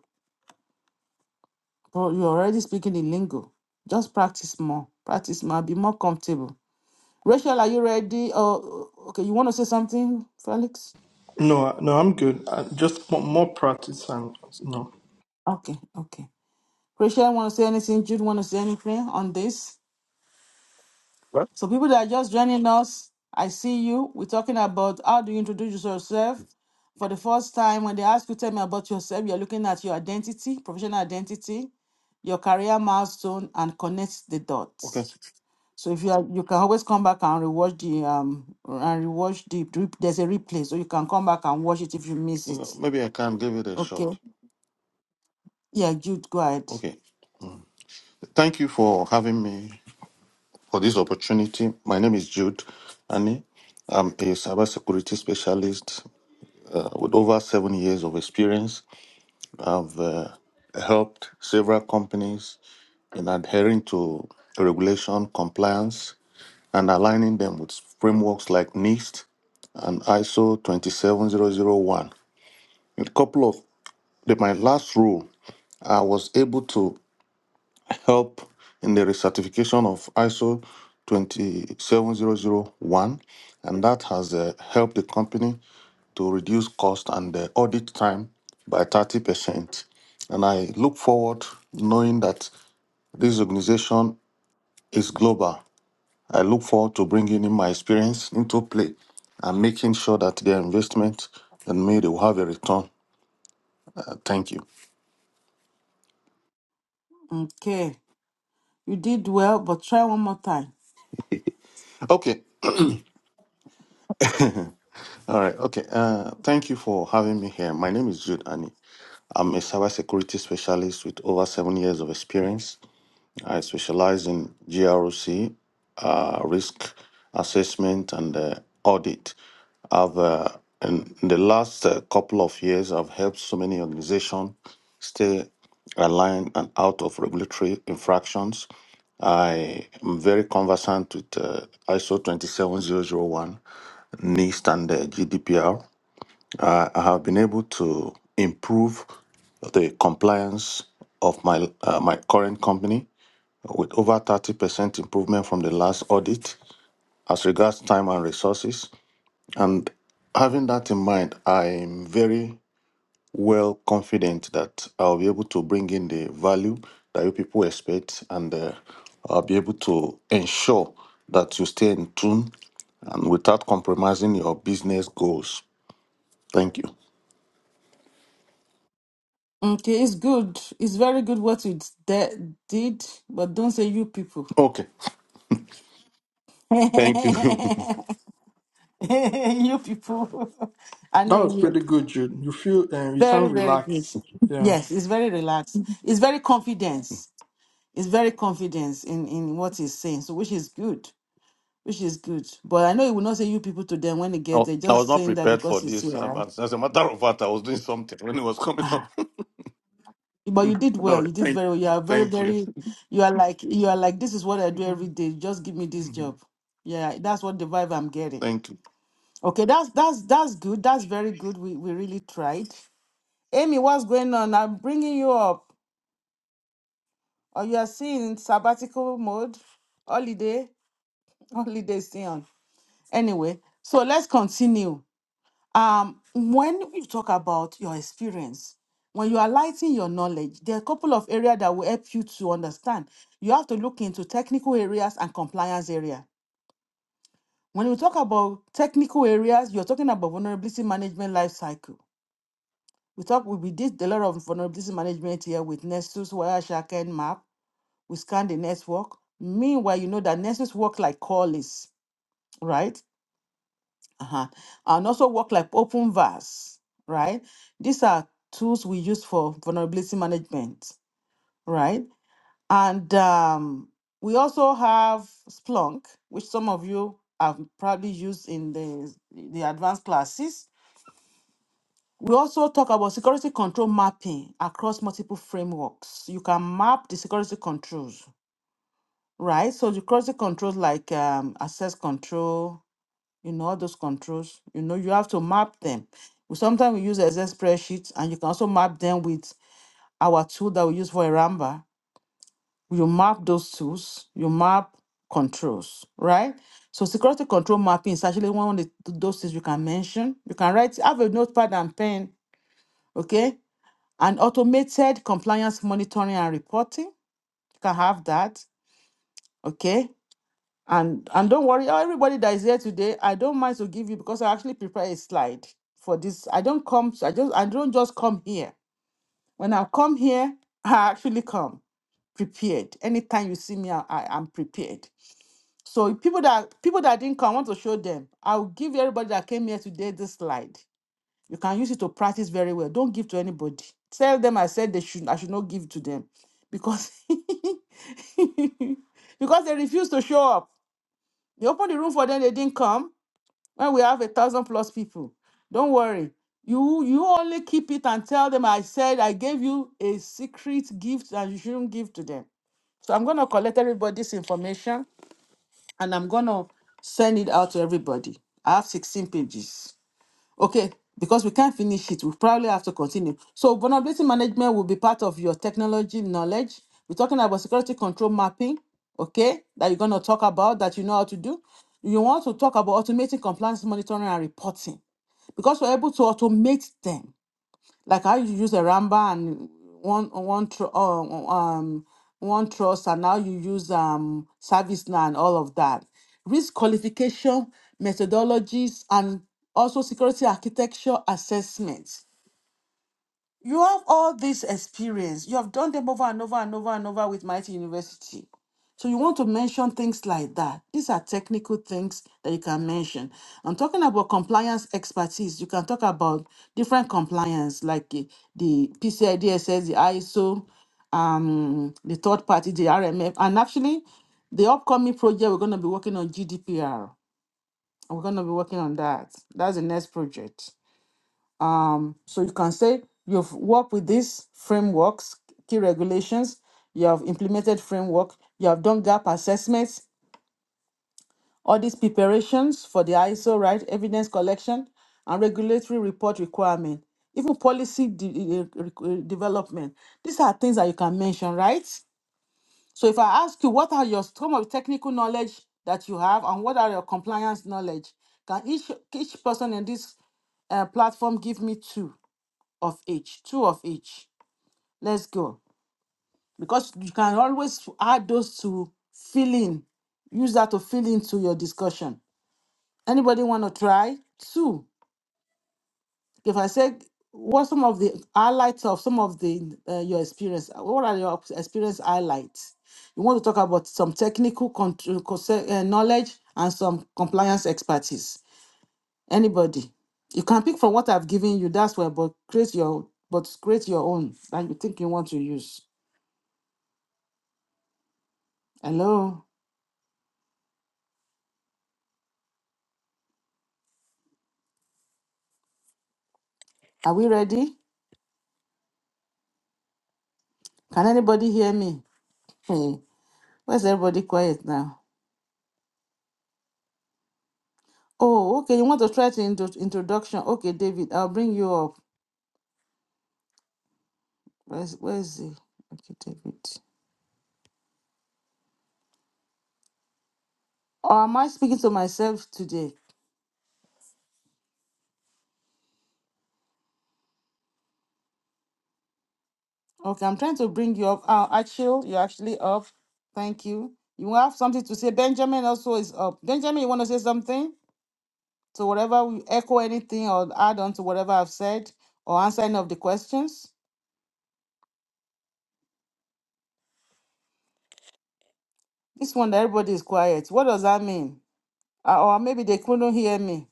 [SPEAKER 1] But you're already speaking in lingo. Just practice more. Practice more. Be more comfortable. Rachel, are you ready? Oh, okay. You want to say something, Felix?
[SPEAKER 4] no, no, I'm good. I just want more practice and no.
[SPEAKER 1] Okay. Okay. Christian want to say anything? Jude want to say anything on this?
[SPEAKER 3] What?
[SPEAKER 1] So people that are just joining us, I see you. We're talking about how do you introduce yourself for the first time. When they ask you, tell me about yourself. You're looking at your identity, professional identity, your career milestone, and connect the
[SPEAKER 3] Okay.
[SPEAKER 1] dots.
[SPEAKER 3] s-
[SPEAKER 1] So if you are, you can always come back and rewatch the um and rewatch the rep- there's a replay, so you can come back and watch it if you miss
[SPEAKER 3] uh,
[SPEAKER 1] it.
[SPEAKER 3] Maybe I can give it a shot.
[SPEAKER 1] Okay. Yeah, Jude, go ahead.
[SPEAKER 3] Okay. Mm. Thank you for having me for this opportunity. My name is Jude Annie. I'm a cybersecurity specialist uh, with over seven years of experience. I've uh, helped several companies in adhering to regulation, compliance, and aligning them with frameworks like NIST and ISO 27001. A couple of the, my last role, I was able to help in the recertification of ISO 27001, and that has uh, helped the company to reduce cost and the audit time by 30%. And I look forward knowing that this organization is global. I look forward to bringing in my experience into play and making sure that their investment and made will have a return. Uh, thank you.
[SPEAKER 1] Okay. You did well, but try one more time.
[SPEAKER 3] Okay. All right. Okay. Uh, thank you for having me here. My name is Jude Annie. I'm a cybersecurity specialist with over seven years of experience. I specialize in GROC, uh, risk assessment, and uh, audit. I've uh, in in the last uh, couple of years, I've helped so many organizations stay aligned and out of regulatory infractions. I am very conversant with uh, ISO 27001, NIST, and uh, GDPR. I have been able to improve the compliance of my uh, my current company with over 30% improvement from the last audit as regards time and resources and having that in mind I'm very well confident that I'll be able to bring in the value that you people expect and uh, I'll be able to ensure that you stay in tune and without compromising your business goals. Thank you.
[SPEAKER 1] Okay, it's good. It's very good what you de- did, but don't say you people.
[SPEAKER 3] Okay.
[SPEAKER 1] you
[SPEAKER 3] Thank you.
[SPEAKER 1] people. I
[SPEAKER 4] That
[SPEAKER 1] know
[SPEAKER 4] was
[SPEAKER 1] you.
[SPEAKER 4] pretty good, Jude. You feel, uh, you sound
[SPEAKER 1] Very, very good.
[SPEAKER 4] relaxed. Yeah.
[SPEAKER 1] Yes, it's very relaxed. It's very confidence. It's very confidence in, in what he's saying, so which is good. Which is good. But I know he will not say you people to them when he
[SPEAKER 3] I
[SPEAKER 1] gets
[SPEAKER 3] wa-
[SPEAKER 1] there,
[SPEAKER 3] I was
[SPEAKER 1] just
[SPEAKER 3] not
[SPEAKER 1] saying that
[SPEAKER 3] prepared for
[SPEAKER 1] because he's
[SPEAKER 3] this. Um,
[SPEAKER 1] here.
[SPEAKER 3] As as a matter of fact, I was doing something when it was coming up.
[SPEAKER 1] But you did
[SPEAKER 3] All
[SPEAKER 1] well.
[SPEAKER 3] right.
[SPEAKER 1] You did
[SPEAKER 3] Thank,
[SPEAKER 1] very well. You are very,
[SPEAKER 3] thank you.
[SPEAKER 1] very. You are like you are like this is what I do every day. Just give me this job. Yeah, that's what the vibe I'm getting.
[SPEAKER 3] Thank you.
[SPEAKER 1] Okay, that's that's that's good. That's very good. We we really tried. Amy, what's going on? I'm bringing you up. Or you are seeing sabbatical mode, holiday, holiday stay on. Anyway, so let's continue. um, when you talk about your experience, when you are lighting your knowledge, there are a couple of areas that will help you to understand. You have to look into technical areas and compliance area. When we talk about technical areas, you're talking about vulnerability management life cycle. We talk we, we did a lot of vulnerability management here with Nessus, Wireshark, and Map. We scan the network. Meanwhile, you know that Nessus work like call list, right? uh-huh. and also work like OpenVAS, right these are tools we use for vulnerability management right and um, we also have splunk which some of you have probably used in the the advanced classes we also talk about security control mapping across multiple frameworks you can map the security controls right so the security controls like um, access control you know, all those controls, you know, you have to map them. We sometimes we use Excel spreadsheets and you can also map them with our tool that we use for Aramba. You map those tools, you map controls, right? So security control mapping is actually one of the, those things you can mention. You can write, have a notepad and pen, okay? And automated compliance monitoring and reporting. You can have that, okay? And and don't worry, oh, everybody that is here today, I don't mind to give you because I actually prepare a slide for this. I don't come, I just I don't just come here. When I come here, I actually come prepared. Anytime you see me, I, I am prepared. So people that people that didn't come, I want to show them. I'll give everybody that came here today this slide. You can use it to practice very well. Don't give to anybody. Tell them I said they should I should not give to them because because they refuse to show up you open the room for them, they didn't come. When we have a thousand plus people, don't worry. You you only keep it and tell them I said I gave you a secret gift and you shouldn't give to them. So I'm gonna collect everybody's information and I'm gonna send it out to everybody. I have 16 pages. Okay, because we can't finish it, we probably have to continue. So vulnerability management will be part of your technology knowledge. We're talking about security control mapping, okay, that you're gonna talk about that you know how to do. You want to talk about automating compliance monitoring and reporting because we're able to automate them like how you use a ramba and one one tr- uh, um one trust, and now you use um ServiceNow and all of that. Risk qualification methodologies and also security architecture assessments you have all this experience. You have done them over and over and over and over with Mighty University. So you want to mention things like that. These are technical things that you can mention. I'm talking about compliance expertise. You can talk about different compliance, like the, the PCI the ISO, um, the third party, the RMF, and actually the upcoming project we're going to be working on GDPR. We're going to be working on that. That's the next project. Um, so you can say you've worked with these frameworks, key regulations, you have implemented framework, you have done gap assessments, all these preparations for the ISO, right? Evidence collection and regulatory report requirement, even policy de- eh, eh, development. These are things that you can mention, right? So if I ask you what are your some of technical knowledge that you have and what are your compliance knowledge, can each each person in this uh, platform give me two? of each, two of each. Let's go. Because you can always add those to fill in. Use that to fill into your discussion. Anybody want to try? Two. If I said, what some of the highlights of some of the uh, your experience? What are your experience highlights? You want to talk about some technical contr- conce- uh, knowledge and some compliance expertise. Anybody? you can pick from what I've given you. That's where, but create your but create your own that you think you want to use. Hello, are we ready? Can anybody hear me? Hey, where's everybody quiet now? Oh, okay. You want to try to intro- introduction? Okay, David, I'll bring you up. Where's Where's he? Okay, David. Or am I speaking to myself today? Okay, I'm trying to bring you up. Uh, Achille, you're actually up. Thank you. You have something to say. Benjamin also is up. Benjamin, you want to say something? So whatever we echo anything or add on to whatever I've said or answer any of the questions. This one, everybody is quiet. What does that mean? Uh, or maybe they couldn't hear me.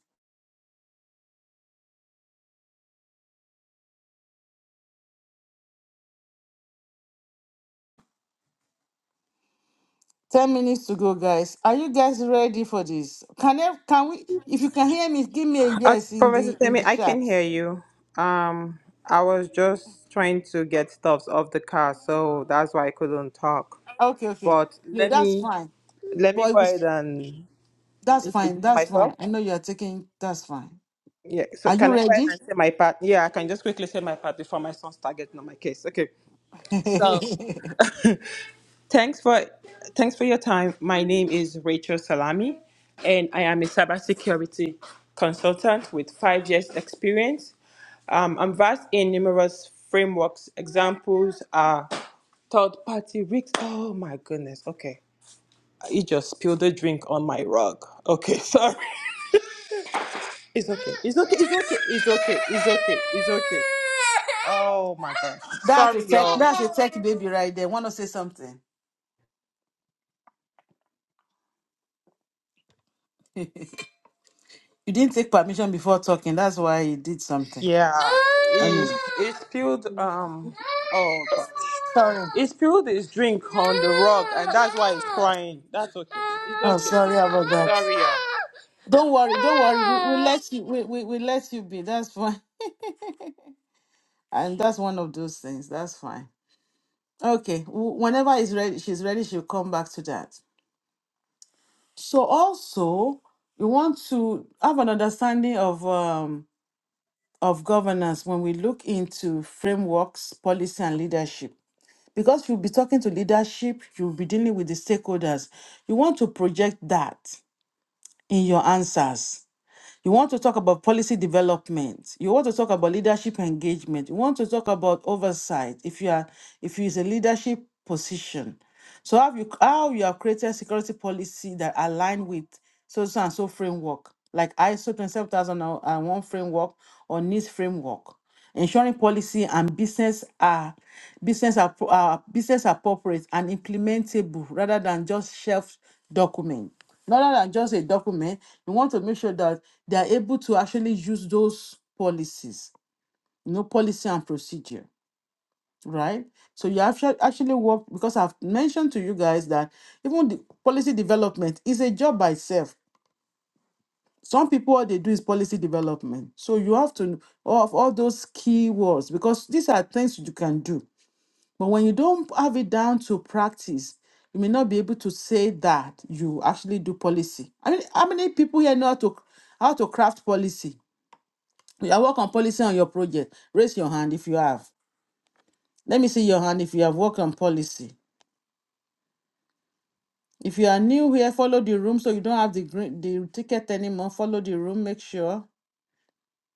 [SPEAKER 1] Ten minutes to go, guys. Are you guys ready for this? Can I, can we? If you can hear me, give me a
[SPEAKER 2] Uh,
[SPEAKER 1] yes in
[SPEAKER 2] Professor
[SPEAKER 1] the in
[SPEAKER 2] Temi,
[SPEAKER 1] the
[SPEAKER 2] I
[SPEAKER 1] chat.
[SPEAKER 2] can hear you. Um, I was just trying to get stuffs off the car, so that's why I couldn't talk.
[SPEAKER 1] Okay, okay.
[SPEAKER 2] But
[SPEAKER 1] Yeah,
[SPEAKER 2] let
[SPEAKER 1] that's
[SPEAKER 2] me
[SPEAKER 1] fine.
[SPEAKER 2] let me
[SPEAKER 1] But it
[SPEAKER 2] go ahead
[SPEAKER 1] was,
[SPEAKER 2] and
[SPEAKER 1] that's fine.
[SPEAKER 2] introduce
[SPEAKER 1] That's
[SPEAKER 2] myself.
[SPEAKER 1] fine. I know you are taking. That's fine.
[SPEAKER 2] Yeah, so
[SPEAKER 1] Are you
[SPEAKER 2] can I go ahead
[SPEAKER 1] ready?
[SPEAKER 2] and say my part? Yeah, I can just quickly say my part before my son starts getting on my case. Okay. So thanks for thanks for your time. My name is Rachel Salami, and I am a cybersecurity consultant with five years experience Um, I'm versed in numerous frameworks. Examples are third party risk. Oh my goodness. Okay. You just spilled a drink on my rug. Okay, sorry. It's okay. It's okay. It's okay. It's okay. It's okay. It's okay. Oh my gosh.
[SPEAKER 1] that's
[SPEAKER 2] Sorry,
[SPEAKER 1] a tech.
[SPEAKER 2] y'all.
[SPEAKER 1] That's a tech baby right there. Want to say something? you didn't take permission before talking. That's why you did something.
[SPEAKER 2] Yeah. It,
[SPEAKER 1] Anyway,
[SPEAKER 2] it spilled um oh gosh.
[SPEAKER 1] sorry.
[SPEAKER 2] It spilled his drink on the rug and that's why he's crying. That's okay. It's
[SPEAKER 1] Oh,
[SPEAKER 2] okay.
[SPEAKER 1] sorry
[SPEAKER 2] It's
[SPEAKER 1] about
[SPEAKER 2] okay.
[SPEAKER 1] that.
[SPEAKER 2] Sorry, y'all.
[SPEAKER 1] Don't worry, don't worry. We, we let you we, we, we let you be. That's fine. And that's one of those things. That's fine. Okay. wh- Whenever is ready, she's ready, she'll come back to that. So also we want to have an understanding of um of governance when we look into frameworks, policy and leadership. Because you'll be talking to leadership, you'll be dealing with the stakeholders. You want to project that in your answers You want to talk about policy development. You want to talk about leadership engagement. You want to talk about oversight. If you are, if you is a leadership position, so how you how you have created security policy that align with so so and so framework, like ISO 27001 framework or NIST framework, ensuring policy and business are business are, are business appropriate and implementable rather than just shelf document rather than just a document, we want to make sure that they are able to actually use those policies, you know, policy and procedure, right? So you actually actually work because I've mentioned to you guys that even the policy development is a job by itself. Some people what they do is policy development. So you have to know all of all those key words because these are things you can do but when you don't have it down to practice, you may not be able to say that you actually do policy. I mean, how many people here know how to how to craft policy? You have worked on policy on your project. Raise your hand if you have. Let me see your hand if you have worked on policy. If you are new here, follow the room so you don't have the green, the ticket anymore. Follow the room, make sure.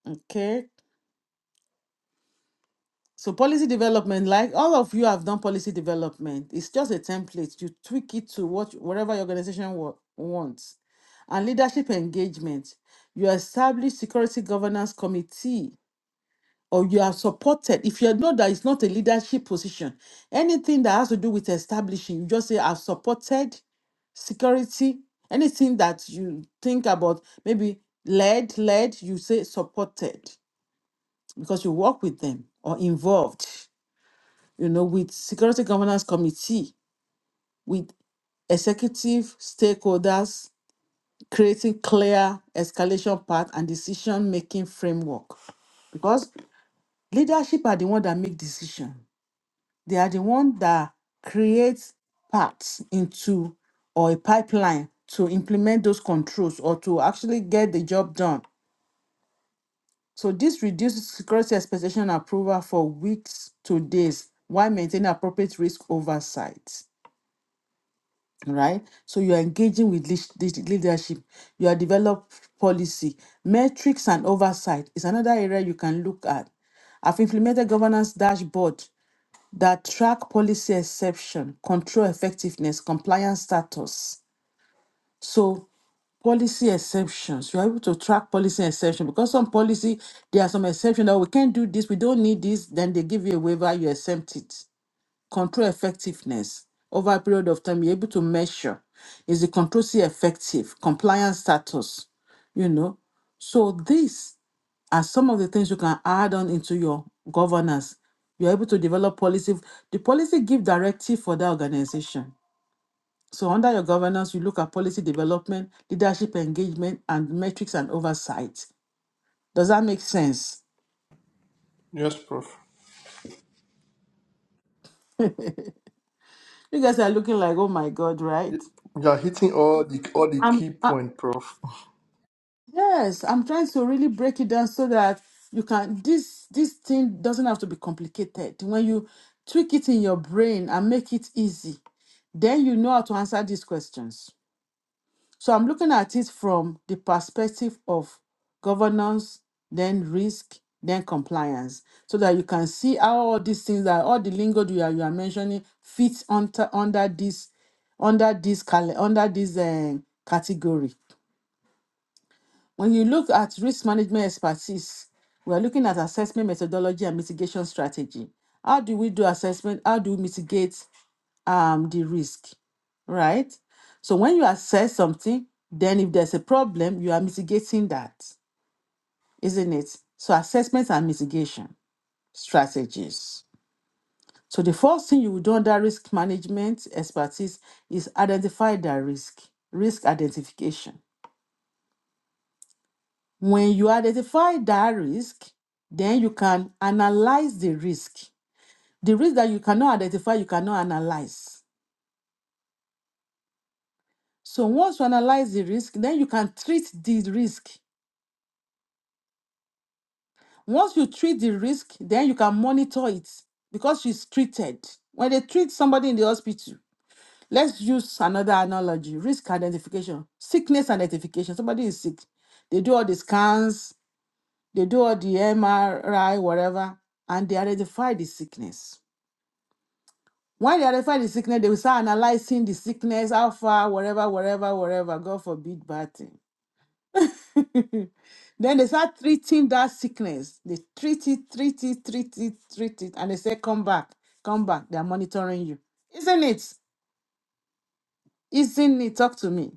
[SPEAKER 1] Okay. So policy development, like all of you have done policy development, it's just a template. You tweak it to what whatever your organization wa- wants. And leadership engagement, you establish security governance committee, or you are supported. If you know that it's not a leadership position, anything that has to do with establishing, you just say I've supported security. Anything that you think about, maybe led, led, you say supported because you work with them or involved you know, with Security Governance Committee, with executive stakeholders, creating clear escalation path and decision-making framework. Because leadership are the one that make decision. They are the one that creates paths into or a pipeline to implement those controls or to actually get the job done. So this reduces security expectation approval for weeks to days while maintaining appropriate risk oversight. right? So you are engaging with leash- leash- leadership. You are develop policy, metrics, and oversight is another area you can look at. I've implemented governance dashboard that track policy exception, control effectiveness, compliance status. So policy exceptions. You are able to track policy exception because some policy there are some exceptions that we can't do this, we don't need this. Then they give you a waiver, you exempt it control effectiveness over a period of time you're able to measure is the control still effective compliance status you know so these are some of the things you can add on into your governance you're able to develop policy the policy give directive for that organization so under your governance you look at policy development leadership engagement and metrics and oversight does that make sense
[SPEAKER 4] Yes, Prof.
[SPEAKER 1] you guys are looking like oh my god right
[SPEAKER 4] You are hitting all the all the
[SPEAKER 1] I'm
[SPEAKER 4] key
[SPEAKER 1] I,
[SPEAKER 4] point, Prof.
[SPEAKER 1] Yes, I'm trying to really break it down so that you can this this thing doesn't have to be complicated. When you tweak it in your brain and make it easy, then you know how to answer these questions. So I'm looking at it from the perspective of governance, then risk, then compliance, so that you can see how all these things that all the lingo you are you are mentioning fits under under this under this cale- under this um, category. When you look at risk management expertise, we are looking at assessment methodology and mitigation strategy. How do we do assessment? How do we mitigate um, the risk? Right? So when you assess something, then if there's a problem, you are mitigating that, isn't it? So assessments and mitigation strategies. So the first thing you would do under risk management expertise is identify the risk, risk identification When you identify that risk, then you can analyze the risk. The risk that you cannot identify, you cannot analyze. So once you analyze the risk, then you can treat the risk. Once you treat the risk, then you can monitor it because she's treated. When they treat somebody in the hospital, let's use another analogy risk identification, sickness identification. Somebody is sick, they do all the scans, they do all the MRI, whatever, and they identify the sickness. When they identify the sickness, they will start analyzing the sickness, how far, whatever, whatever, whatever. God forbid bad thing. then they start treating that sickness. They treat it, treat it, treat it, treat it. And they say, come back, come back. They are monitoring you. Isn't it? Isn't it? Talk to me.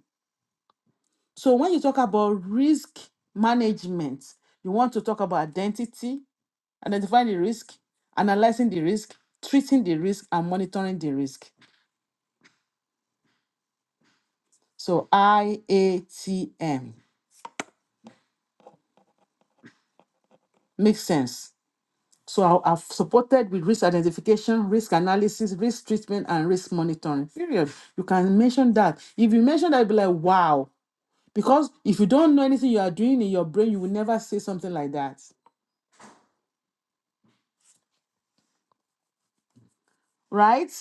[SPEAKER 1] So when you talk about risk management, you want to talk about identity, identifying the risk, analyzing the risk, treating the risk, and monitoring the risk. So IATM. Makes sense. So I- I've supported with risk identification, risk analysis, risk treatment, and risk monitoring. Period. You can mention that. If you mention that, you'll be like, wow. Because if you don't know anything you are doing in your brain, you will never say something like that. Right?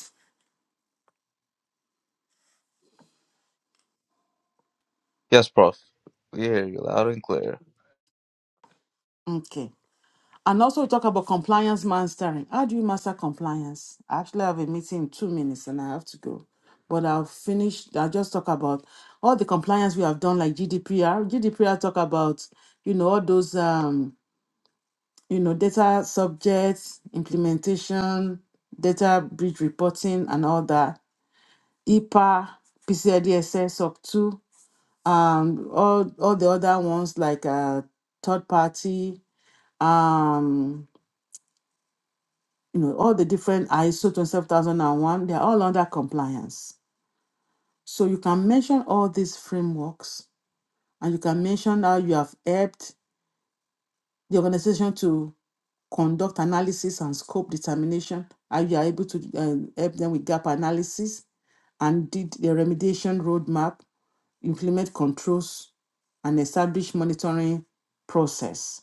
[SPEAKER 5] Yes, prof. We hear you loud and clear.
[SPEAKER 1] Okay. And also we talk about compliance mastering. How do you master compliance? I actually have a meeting in two minutes and I have to go. But I'll finish, I'll just talk about all the compliance we have done, like GDPR. GDPR talk about, you know, all those um you know, data subjects, implementation, data bridge reporting, and all that. IPA, PCIDSS sub two, um, all all the other ones like uh, third party, um, you know, all the different ISO twenty seven thousand and one. They are all under compliance. So you can mention all these frameworks, and you can mention how you have helped the organization to conduct analysis and scope determination, how you are able to um, help them with gap analysis, and did the remediation roadmap, implement controls, and establish monitoring process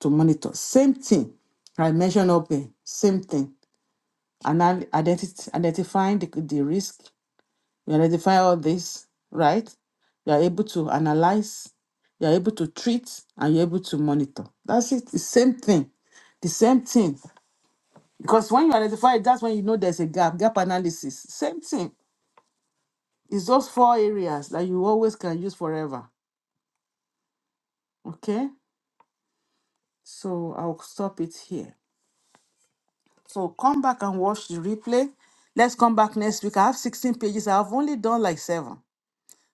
[SPEAKER 1] to monitor. Same thing I mentioned up there, same thing. And identity, identifying the, the risk, you identify all this, right? You are able to analyze, you are able to treat, and you're able to monitor. That's it, the same thing. The same thing because when you identify, it, that's when you know there's a gap, gap analysis. Same thing. It's those four areas that you always can use forever. Okay? So I'll stop it here. So come back and watch the replay. Let's come back next week. I have 16 pages. I've only done like seven.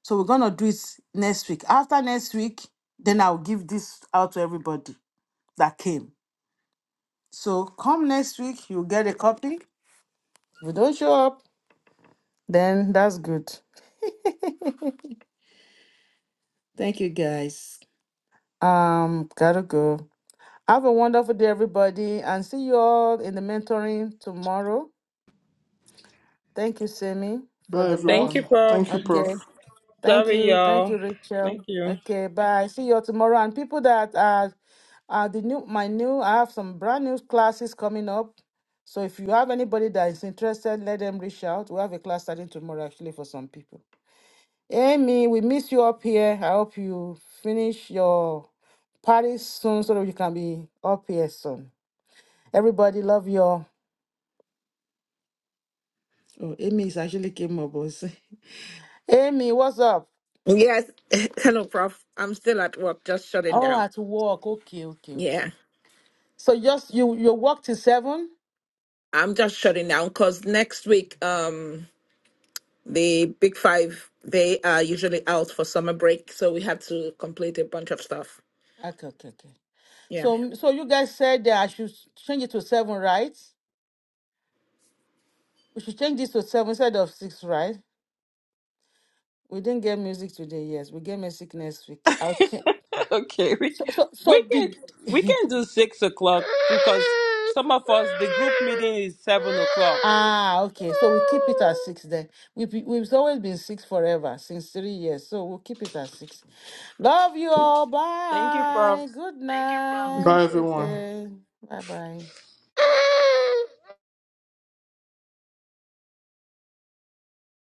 [SPEAKER 1] So we're going to do it next week. After next week, then I'll give this out to everybody that came. So come next week, you'll get a copy. If you don't show up, then that's good. Thank you guys. Um, gotta go. Have a wonderful day, everybody, and see you all in the mentoring tomorrow. Thank you, Simi, for
[SPEAKER 4] Bye
[SPEAKER 1] the love.
[SPEAKER 2] Thank you,
[SPEAKER 4] everyone.
[SPEAKER 2] Prof.
[SPEAKER 4] Thank you, Prof.
[SPEAKER 1] Okay. Thank
[SPEAKER 2] Sorry,
[SPEAKER 1] you. Thank
[SPEAKER 2] y'all.
[SPEAKER 1] you,
[SPEAKER 2] Thank
[SPEAKER 1] Rachel.
[SPEAKER 2] you.
[SPEAKER 1] Okay, bye. See you all tomorrow. And people that are uh the new my new I have some brand new classes coming up. So if you have anybody that is interested, let them reach out. We have a class starting tomorrow actually for some people. Amy, we miss you up here. I hope you finish your party soon so that you can be up here soon. Everybody love you all. Oh, Amy is actually came up. Boss. Amy, what's up?
[SPEAKER 6] Yes. Hello, Prof. I'm still at work, just shutting
[SPEAKER 1] Oh,
[SPEAKER 6] down.
[SPEAKER 1] at work. Okay, okay,
[SPEAKER 6] Yeah.
[SPEAKER 1] okay. So just you you work till seven?
[SPEAKER 6] I'm just shutting down because next week, um, the Big Five, they are usually out for summer break, so we have to complete a bunch of stuff.
[SPEAKER 1] Okay, okay, okay.
[SPEAKER 6] Yeah.
[SPEAKER 1] So so you guys said that I should change it to seven, right? We should change this to seven instead of six, right? We didn't get music today, yes. We get music next week. I'll change.
[SPEAKER 2] Okay, we
[SPEAKER 1] So so
[SPEAKER 2] we
[SPEAKER 1] so
[SPEAKER 2] can
[SPEAKER 1] did
[SPEAKER 2] we can do six o'clock because some of us the group meeting is seven o'clock.
[SPEAKER 1] Ah, okay. So we keep it at six then. We've, been- we've always been six forever, since three years. So we'll keep it at six. Love you all.
[SPEAKER 2] Thank you, Prof.
[SPEAKER 1] Bye. Good Thank
[SPEAKER 4] Bye
[SPEAKER 1] you, Prof. night.
[SPEAKER 4] everyone.
[SPEAKER 1] Okay. Bye bye.